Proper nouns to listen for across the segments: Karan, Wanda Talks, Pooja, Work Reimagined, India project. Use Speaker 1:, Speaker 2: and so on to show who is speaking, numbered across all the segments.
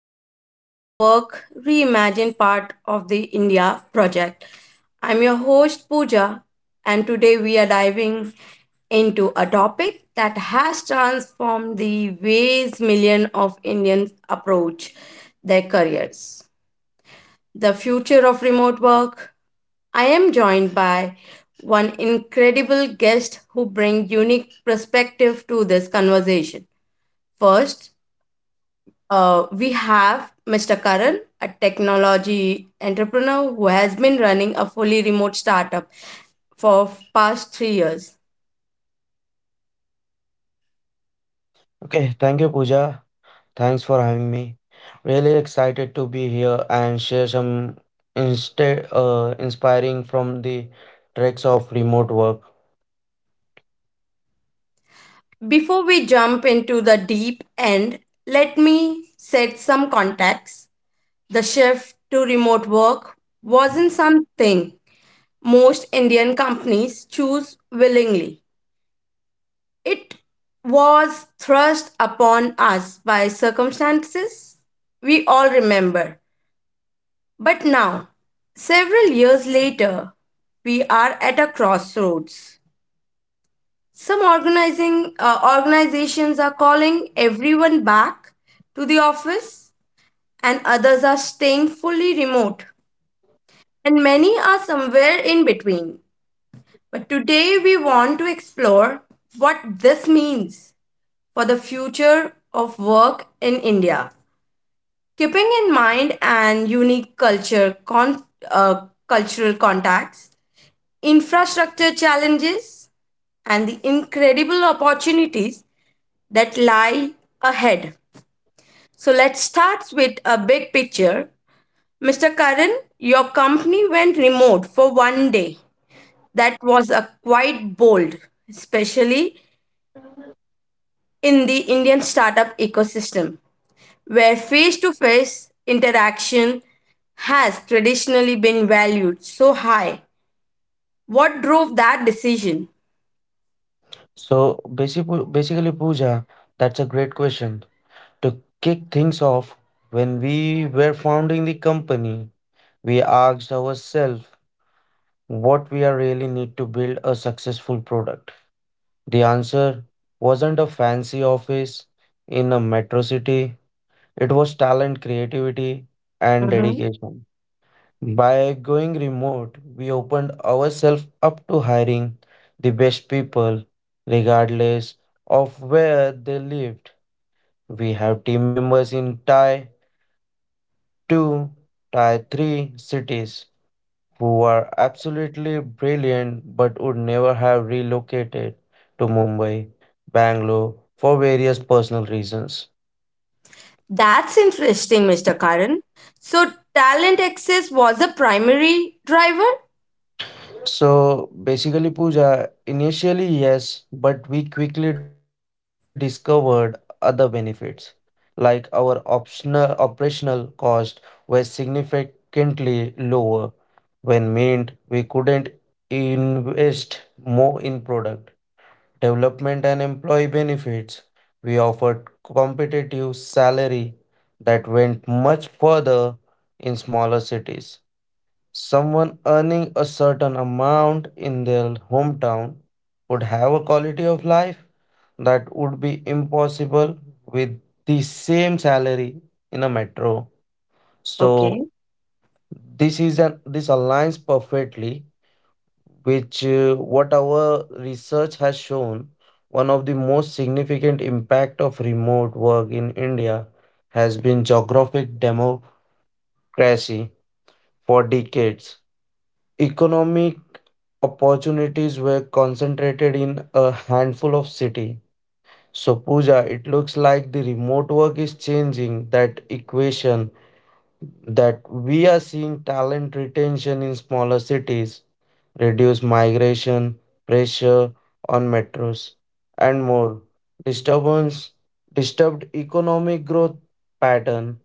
Speaker 1: episode of Work Reimagined, part of the India project. I'm your host Pooja, and today we are diving into a topic that has transformed the ways million of Indians approach their careers. The future of remote work. I am joined by one incredible guest who brings unique perspective to this conversation. First, we have Mr. Karan, a technology entrepreneur who has been running a fully remote startup for past 3 years.
Speaker 2: Okay, thank you, Pooja. Thanks for having me. Really excited to be here and share some insta inspiring from the treks of remote work.
Speaker 1: Before we jump into the deep end, let me set some context. The shift to remote work wasn't something most Indian companies choose willingly. It was thrust upon us by circumstances we all remember. But now, several years later, we are at a crossroads. Some organizing organizations are calling everyone back to the office, and others are staying fully remote, and many are somewhere in between. But today we want to explore what this means for the future of work in India. Keeping in mind and unique cultural contacts, infrastructure challenges, and the incredible opportunities that lie ahead. So let's start with a big picture. Mr. Karan, your company went remote for one day. That was a quite bold, especially in the Indian startup ecosystem, where face to face interaction has traditionally been valued so high. What drove that decision?
Speaker 2: So basically, basically, Pooja, that's a great question. To kick things off, when we were founding the company, we asked ourselves what we are really need to build a successful product. The answer wasn't a fancy office in a metro city. It was talent, creativity, and dedication. By going remote, we opened ourselves up to hiring the best people, regardless of where they lived. We have team members in Thai 2, Thai 3 cities who are absolutely brilliant but would never have relocated to Mumbai, Bangalore for various personal reasons.
Speaker 1: That's interesting, Mr. Karan. So, talent access was the primary driver?
Speaker 2: So basically, Pooja, initially, yes, but we quickly discovered other benefits, like our optional operational cost was significantly lower when meant we couldn't invest more in product development and employee benefits. We offered competitive salary that went much further in smaller cities. Someone earning a certain amount in their hometown would have a quality of life that would be impossible with the same salary in a metro. So
Speaker 1: Okay.
Speaker 2: this is an this aligns perfectly which what our research has shown. One of the most significant impact of remote work in India has been geographic democracy. For decades, economic opportunities were concentrated in a handful of cities. So, Pooja, it looks like the remote work is changing that equation, that we are seeing talent retention in smaller cities, reduce migration, pressure on metros, and more. Disturbance, disturbed economic growth pattern.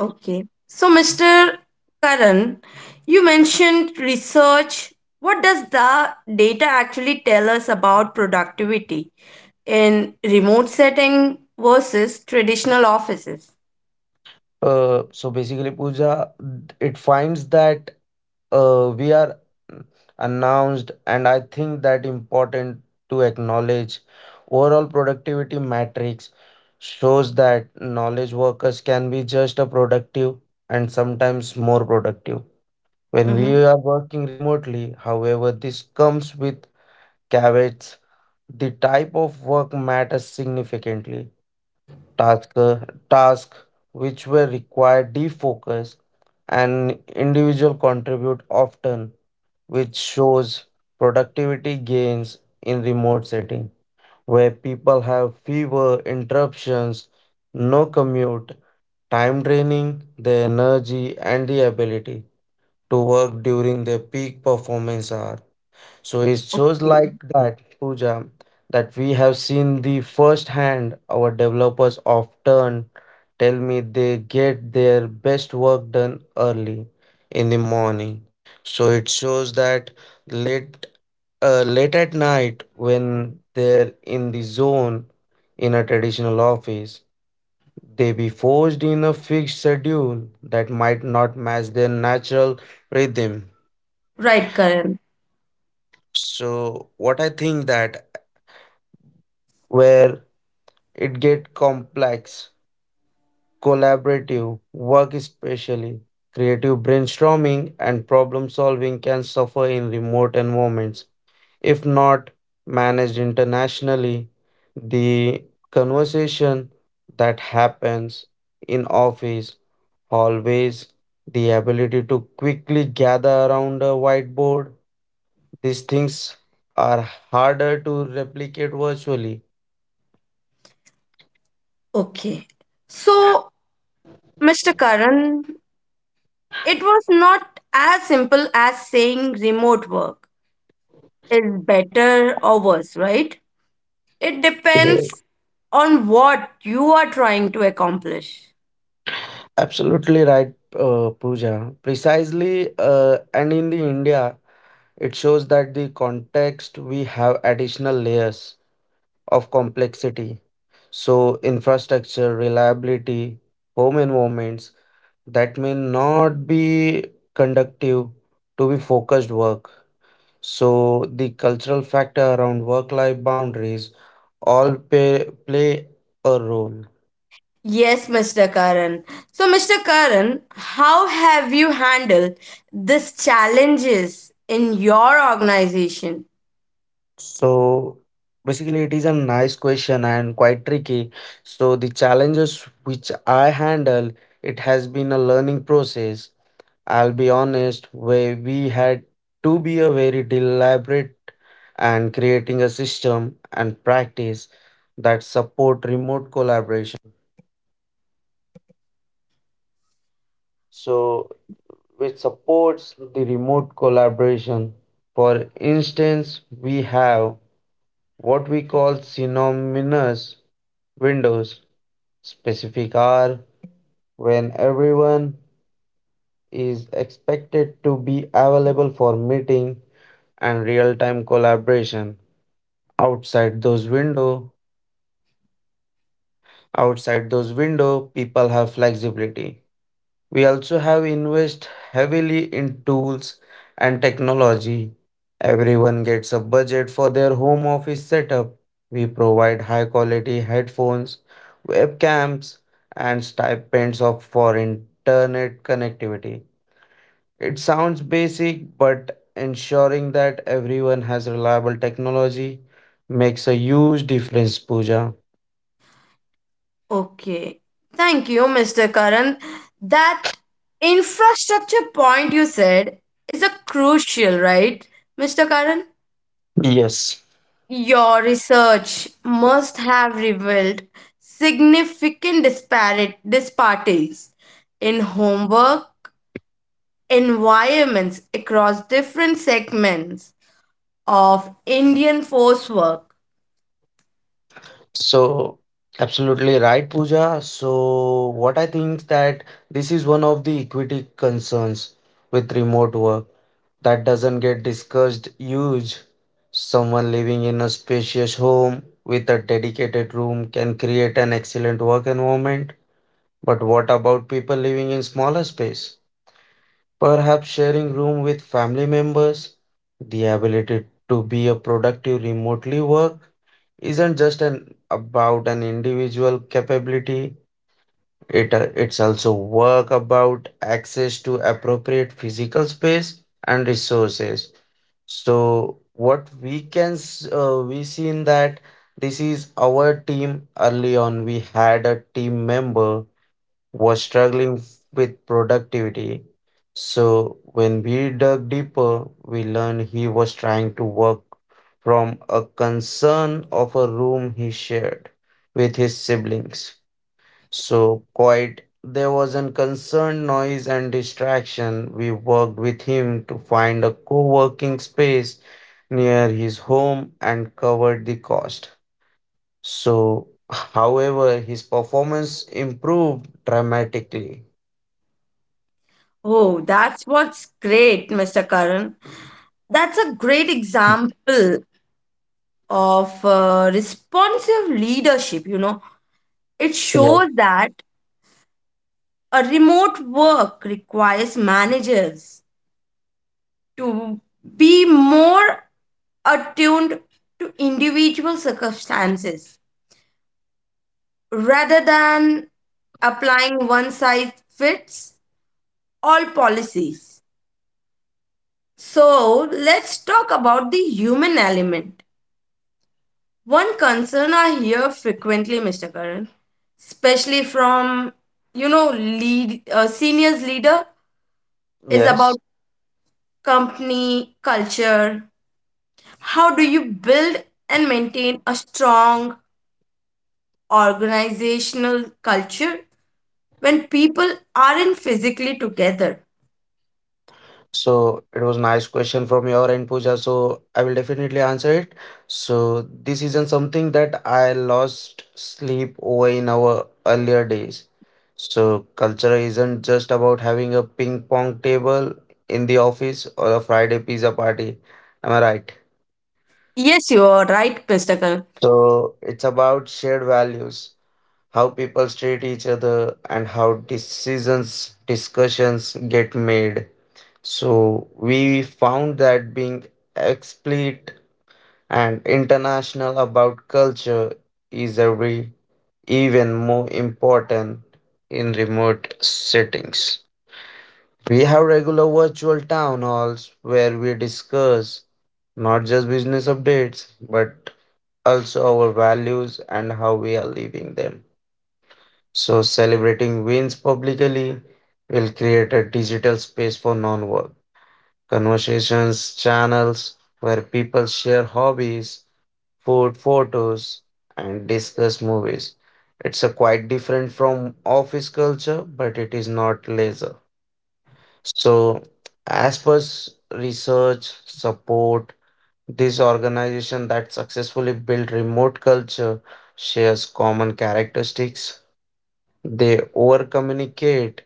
Speaker 1: Okay. So, Mr. Karan, you mentioned research. What does the data actually tell us about productivity in remote setting versus traditional offices?
Speaker 2: So basically, Pooja, it finds that we are mm, announced, and I think that important to acknowledge overall productivity matrix shows that knowledge workers can be just as productive and sometimes more productive when we
Speaker 1: Hmm.
Speaker 2: are working remotely. However, this comes with caveats. The type of work matters significantly. Task task which were required defocus and individual contribute often, which shows productivity gains in remote setting where people have fewer interruptions, no commute, time draining their energy and the ability to work during their peak performance hour. So it shows like that, Pooja, that we have seen the first hand our developers often tell me they get their best work done early in the morning. So it shows that late late at night when they're in the zone in a traditional office they be forced in a fixed schedule that might not match their natural rhythm.
Speaker 1: Right, Karan.
Speaker 2: So what I think that where it get complex, collaborative work, especially creative brainstorming and problem solving, can suffer in remote environments if not managed internationally. The conversation that happens in office hallways, the ability to quickly gather around a whiteboard, these things are harder to replicate virtually.
Speaker 1: Okay. So, Mr. Karan, it was not as simple as saying remote work is better or worse, right? It depends on what you are trying to accomplish.
Speaker 2: Absolutely right, Pooja. Precisely, and in the India, it shows that the context we have additional layers of complexity. So infrastructure, reliability, home environments that may not be conductive to be focused work. So the cultural factor around work-life boundaries all play a role.
Speaker 1: Yes, Mr. Karan. So, Mr. Karan, how have you handled these challenges in your organization?
Speaker 2: So basically it is a nice question and quite tricky. So the challenges which I handle, it has been a learning process. I'll be honest, where we had to be a very deliberate and creating a system and practice that support. Outside those window, people have flexibility. We also have invest heavily in tools and technology. Everyone gets a budget for their home office setup. We provide high quality headphones, webcams, and stipends of for internet connectivity. It sounds basic, but ensuring that everyone has reliable technology makes a huge difference, Pooja.
Speaker 1: Okay. Thank you, Mr. Karan. That infrastructure point you said is a crucial, right, Mr. Karan?
Speaker 2: Yes.
Speaker 1: Your research must have revealed significant disparate disparities in homework environments across different segments of Indian force work.
Speaker 2: So, absolutely right, Pooja. So, what I think that this is one of the equity concerns with remote work that doesn't get discussed. Huge. Someone living in a spacious home with a dedicated room can create an excellent work environment. But what about people living in smaller space? Perhaps sharing room with family members? The ability to be a productive remotely work isn't just an about an individual capability. It's also work about access to appropriate physical space and resources. So what we seen that this is our team. Early on we had a team member was struggling with productivity. So when we dug deeper, we learned he was trying to work from a concern of a room he shared with his siblings. So quite there was an concerned noise and distraction. We worked with him to find a co-working space near his home and covered the cost. So however his performance improved dramatically.
Speaker 1: Oh, that's what's great, Mr. Karan. That's a great example of responsive leadership. It
Speaker 2: Yes,
Speaker 1: shows that a remote work requires managers to be more attuned to individual circumstances rather than applying one size fits all policies. So, let's talk about the human element. One concern I hear frequently, Mr. Karan, especially from you know lead seniors leader is
Speaker 2: yes.
Speaker 1: about company culture. How do you build and maintain a strong organizational culture when people aren't physically together?
Speaker 2: So it was nice question from your end, Pooja. So I will definitely answer it. So this isn't something that I lost sleep over in our earlier days. So culture isn't just about having a ping pong table in the office or a Friday pizza party. Am I right?
Speaker 1: Yes, you are right, Mr. Karan.
Speaker 2: So it's about shared values, how people treat each other, and how decisions, discussions get made. So we found that being explicit and international about culture is every even more important in remote settings. We have regular virtual town halls where we discuss not just business updates but also our values and how we are living them. So celebrating wins publicly will create a digital space for non-work conversations, channels where people share hobbies, food photos, and discuss movies. It's a quite different from office culture, but it is not leisure. So, as per research support, this organization that successfully built remote culture shares common characteristics. They over communicate.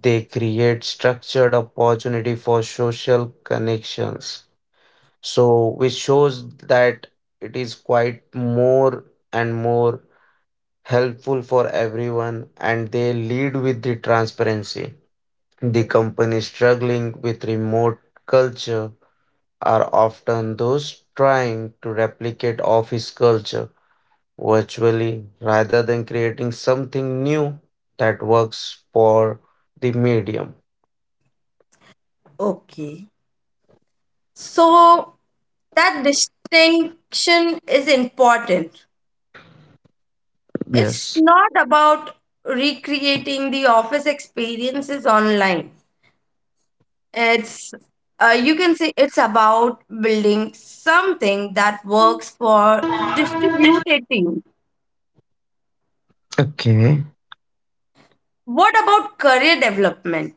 Speaker 2: They create structured opportunity for social connections, so which shows that it is quite more and more helpful for everyone, and they lead with the transparency. The companies struggling with remote culture are often those trying to replicate office culture virtually rather than creating something new that works for the medium.
Speaker 1: Okay. So that distinction is important. It's
Speaker 2: Yes,
Speaker 1: not about recreating the office experiences online. It's you can say it's about building something that works for distributed team.
Speaker 2: okay.
Speaker 1: What about career development?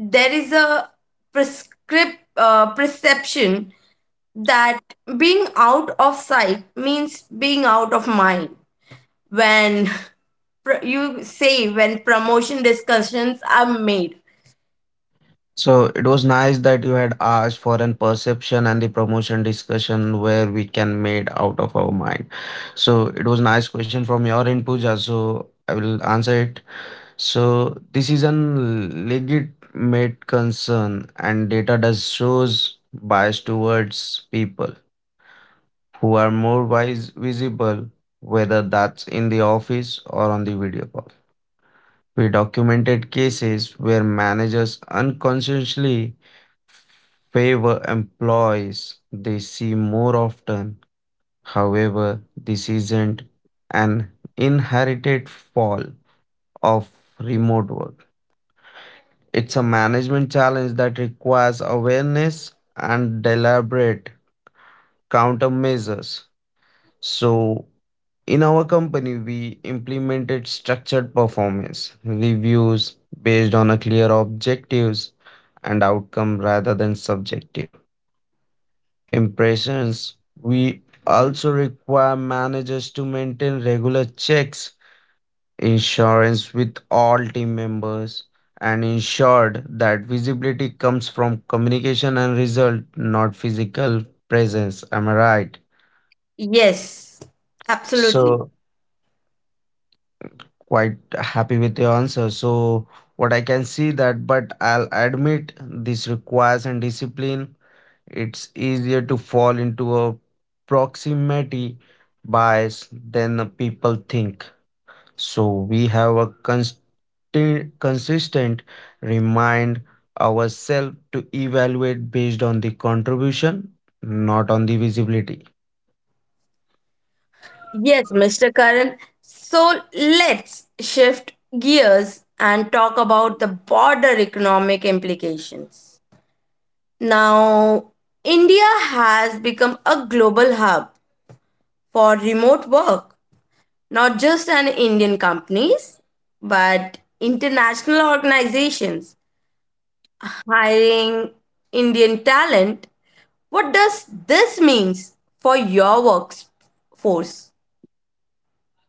Speaker 1: There is a prescript perception that being out of sight means being out of mind when you say when promotion discussions are made.
Speaker 2: So it was nice that you had asked for an perception and the promotion discussion where we can made out of our mind. So it was nice question from your end, Pooja. So I will answer it. So this is an legitimate concern, and data does shows bias towards people who are more wise visible, whether that's in the office or on the video call. We documented cases where managers unconsciously favor employees they see more often. However, this isn't an inherited fall of remote work. It's a management challenge that requires awareness and deliberate countermeasures. So, in our company, we implemented structured performance reviews based on a clear objectives and outcome rather than subjective impressions. We also require managers to maintain regular checks, insurance with all team members, and ensured that visibility comes from communication and result, not physical presence. Am I right?
Speaker 1: Yes, absolutely.
Speaker 2: So quite happy with your answer. So what I can see that, but I'll admit this requires and discipline. It's easier to fall into a proximity bias than the people think. So we have a constant, consistent remind ourselves to evaluate based on the contribution, not on the visibility.
Speaker 1: Yes, Mr. Karan, so let's shift gears and talk about the broader economic implications now. India has become a global hub for remote work, not just an Indian companies, but international organizations hiring Indian talent. What does this means for your workforce?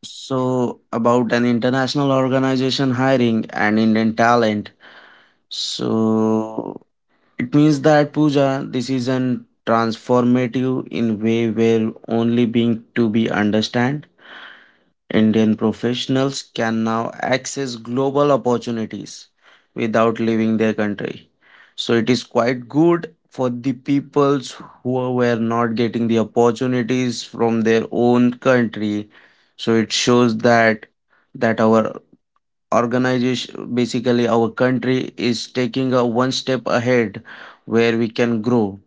Speaker 2: So, about an international organization hiring and Indian talent. So, it means that puja, this is an transformative in way where only being to be understand. Indian professionals can now access global opportunities without leaving their country. So it is quite good for the peoples who were not getting the opportunities from their own country. So it shows that that our organization, basically our country, is taking a one step ahead where we can grow.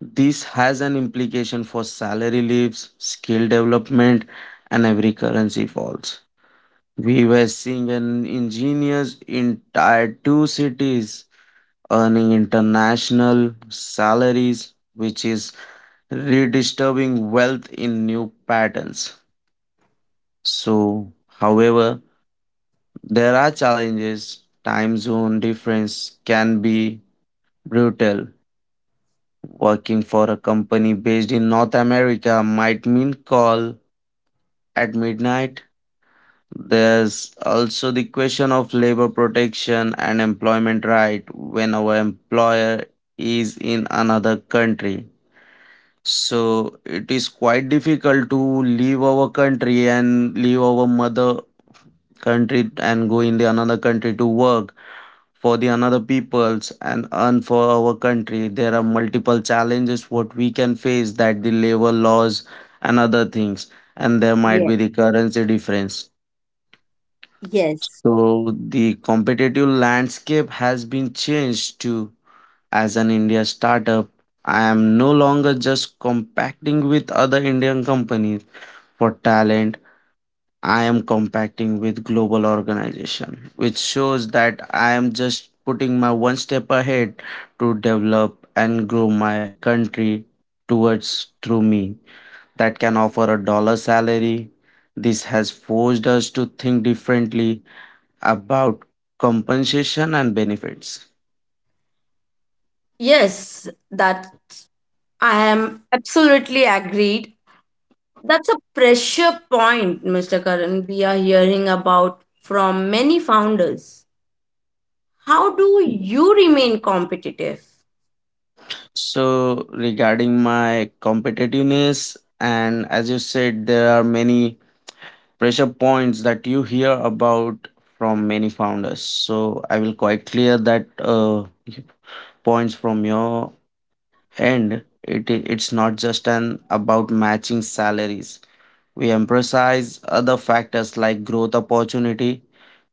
Speaker 2: This has an implication for salary leaves, skill development, and every currency falls. We were seeing an engineers in tier 2 cities earning international salaries, which is redistributing wealth in new patterns. So however there are challenges. Time zone difference can be brutal. Working for a company based in North America might mean call at midnight. There's also the question of labor protection and employment right when our employer is in another country. So it is quite difficult to leave our country and leave our mother country and go in the another country to work for the another peoples and earn for our country. There are multiple challenges what we can face, that the labor laws and other things, and there might be
Speaker 1: Yes.
Speaker 2: the currency difference.
Speaker 1: Yes.
Speaker 2: So the competitive landscape has been changed to as an India startup. I am no longer just compacting with other Indian companies for talent. I am compacting with global organization, which shows that I am just putting my one step ahead to develop and grow my country towards through me that can offer a dollar salary. This has forced us to think differently about compensation and benefits.
Speaker 1: Yes, that I am absolutely agreed. That's a pressure point, Mr. Karan. We are hearing about from many founders. How do you remain competitive?
Speaker 2: So regarding my competitiveness and as you said, there are many pressure points that you hear about from many founders. So I will quite clear that points from your end. It it's not just an about matching salaries. We emphasize other factors like growth opportunity,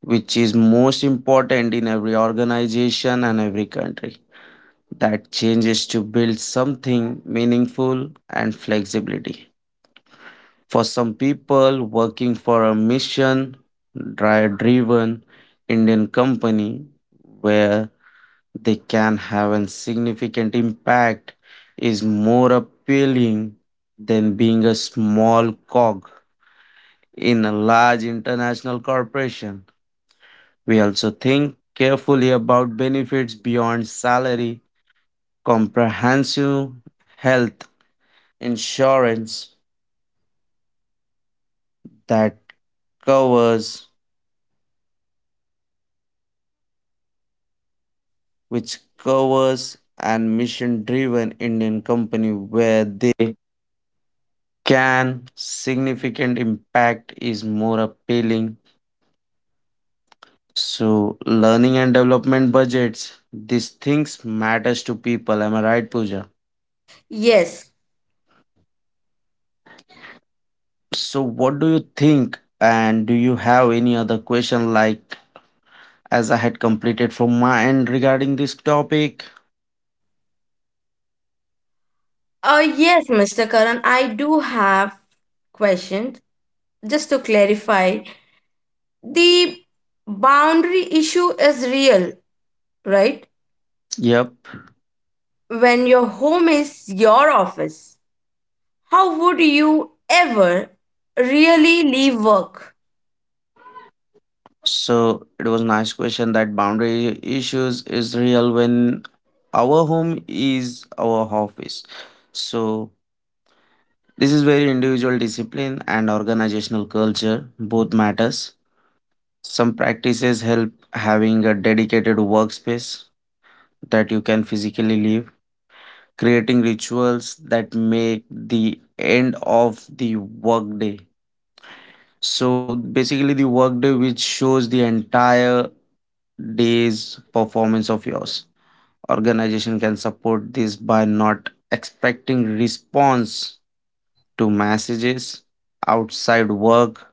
Speaker 2: which is most important in every organization and every country. That changes to build something meaningful and flexibility. For some people, working for a mission driven Indian company where they can have a significant impact is more appealing than being a small cog in a large international corporation. We also think carefully about benefits beyond salary, comprehensive health significant impact is more appealing. So, learning and development budgets, these things matters to people. Am I right, Pooja?
Speaker 1: Yes.
Speaker 2: So, what do you think? And do you have any other question like as I had completed from my end regarding this topic?
Speaker 1: Yes, Mr. Karan, I do have questions. Just to clarify, the boundary issue is real, right?
Speaker 2: Yep.
Speaker 1: When your home is your office, how would you ever really leave work?
Speaker 2: So it was nice question that boundary issues is real when our home is our office. So this is where individual discipline and organizational culture both matters. Some practices help having a dedicated workspace that you can physically leave, creating rituals that make the end of the workday. So basically the workday which shows the entire day's performance of yours. Organization can support this by not expecting response to messages outside work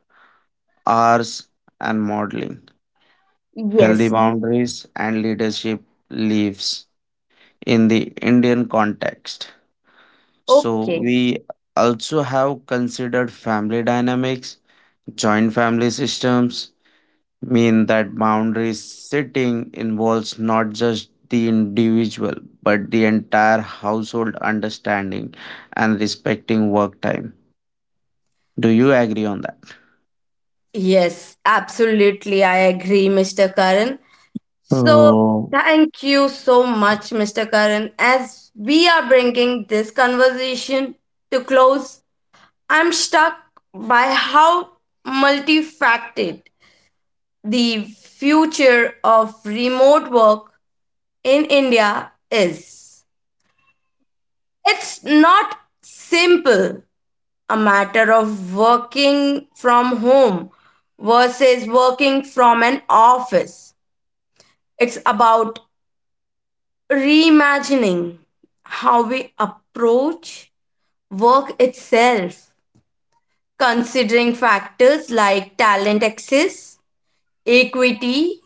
Speaker 2: hours and modeling. Healthy
Speaker 1: Yes.
Speaker 2: boundaries and leadership lives in the Indian context. So
Speaker 1: Okay.
Speaker 2: we also have considered family dynamics, joint family systems mean that boundaries setting involves not just the individual but the entire household understanding and respecting work time. Do you agree on that?
Speaker 1: Yes, absolutely. I agree, Mr. Karan. So,
Speaker 2: Oh,
Speaker 1: thank you so much, Mr. Karan, as we are bringing this conversation to close. I'm struck by how multifaceted the future of remote work in India is. It's not simple a matter of working from home versus working from an office. It's about reimagining how we approach work itself, considering factors like talent access, equity,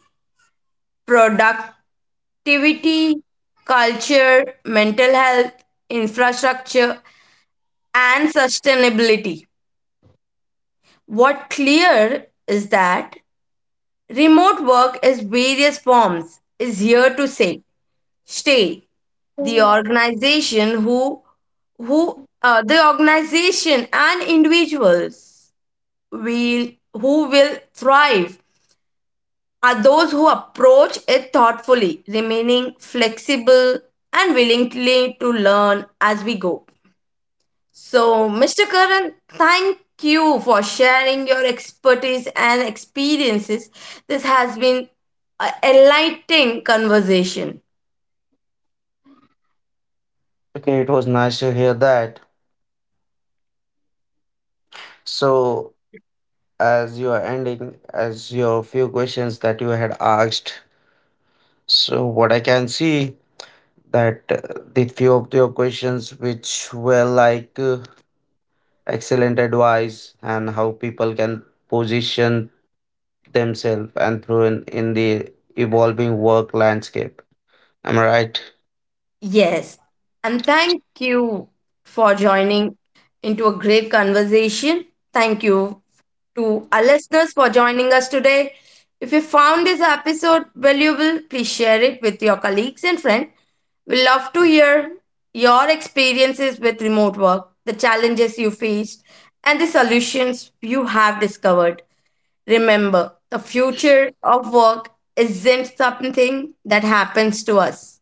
Speaker 1: productivity, culture, mental health, infrastructure, and sustainability. What clear is that remote work is various forms is here to say stay the organization who the organization and individuals will who will thrive are those who approach it thoughtfully, remaining flexible and willingly to learn as we go. So, Mr. Karan, thank you for sharing your expertise and experiences. This has been a enlightening conversation.
Speaker 2: okay, it was nice to hear that. So, as you are ending as your few questions that you had asked, so what I can see that the few of your questions which were like excellent advice and how people can position themselves and through in the evolving work landscape. Am I right?
Speaker 1: Yes. And thank you for joining into a great conversation. Thank you to our listeners for joining us today. If you found this episode valuable, please share it with your colleagues and friends. We love to hear your experiences with remote work, the challenges you faced, and the solutions you have discovered. Remember, the future of work isn't something that happens to us.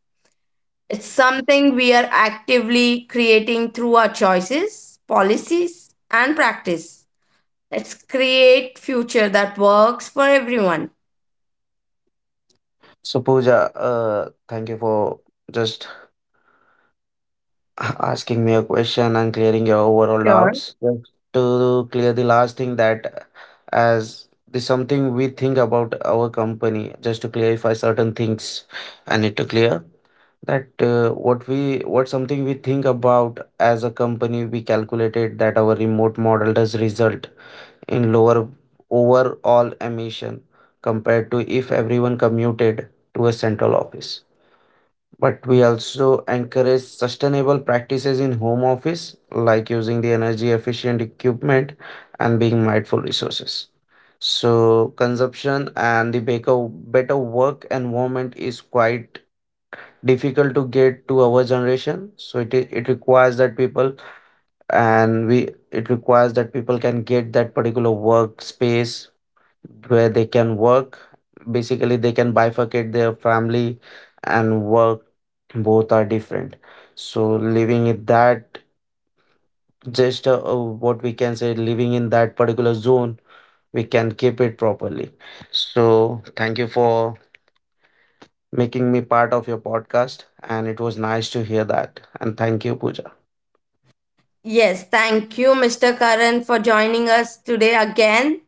Speaker 1: It's something we are actively creating through our choices, policies, and practice. Let's create future that works for everyone.
Speaker 2: So pooja, thank you for just asking me a question and clearing your overall
Speaker 1: Sure.
Speaker 2: doubts. Just to clear the last thing that as the something we think about our company, just to clarify certain things, I need to clear that what we what something we think about as a company, we calculated that our remote model does result in lower overall emission compared to if everyone commuted to a central office. But we also encourage sustainable practices in home office, like using the energy efficient equipment and being mindful resources. So consumption and the better work environment is quite difficult to get to our generation. So it requires that people and we it requires that people can get that particular workspace where they can work. Basically, they can bifurcate their family and work. Both are different. So living in that, just what we can say, living in that particular zone, we can keep it properly. So thank you for making me part of your podcast, and it was nice to hear that. And thank you, Pooja.
Speaker 1: Yes, thank you, Mr. Karan, for joining us today again.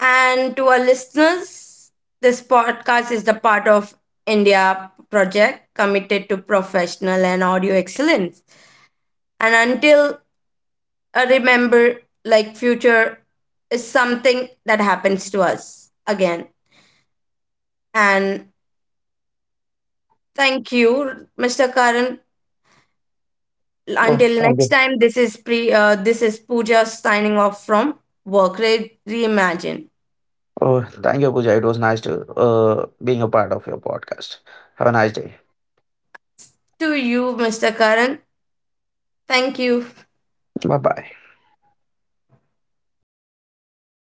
Speaker 1: And to our listeners, this podcast is the part of India project committed to professional and audio excellence. And until I remember, like future is something that happens to us again. And thank you, Mr. Karan.
Speaker 2: Oh,
Speaker 1: Until
Speaker 2: thank
Speaker 1: next
Speaker 2: you.
Speaker 1: time, this is pre. This is Pooja signing off from Reimagine.
Speaker 2: Oh, thank you, Pooja. It was nice to being a part of your podcast. Have a nice day.
Speaker 1: To you, Mr. Karan. Thank you.
Speaker 2: Bye bye.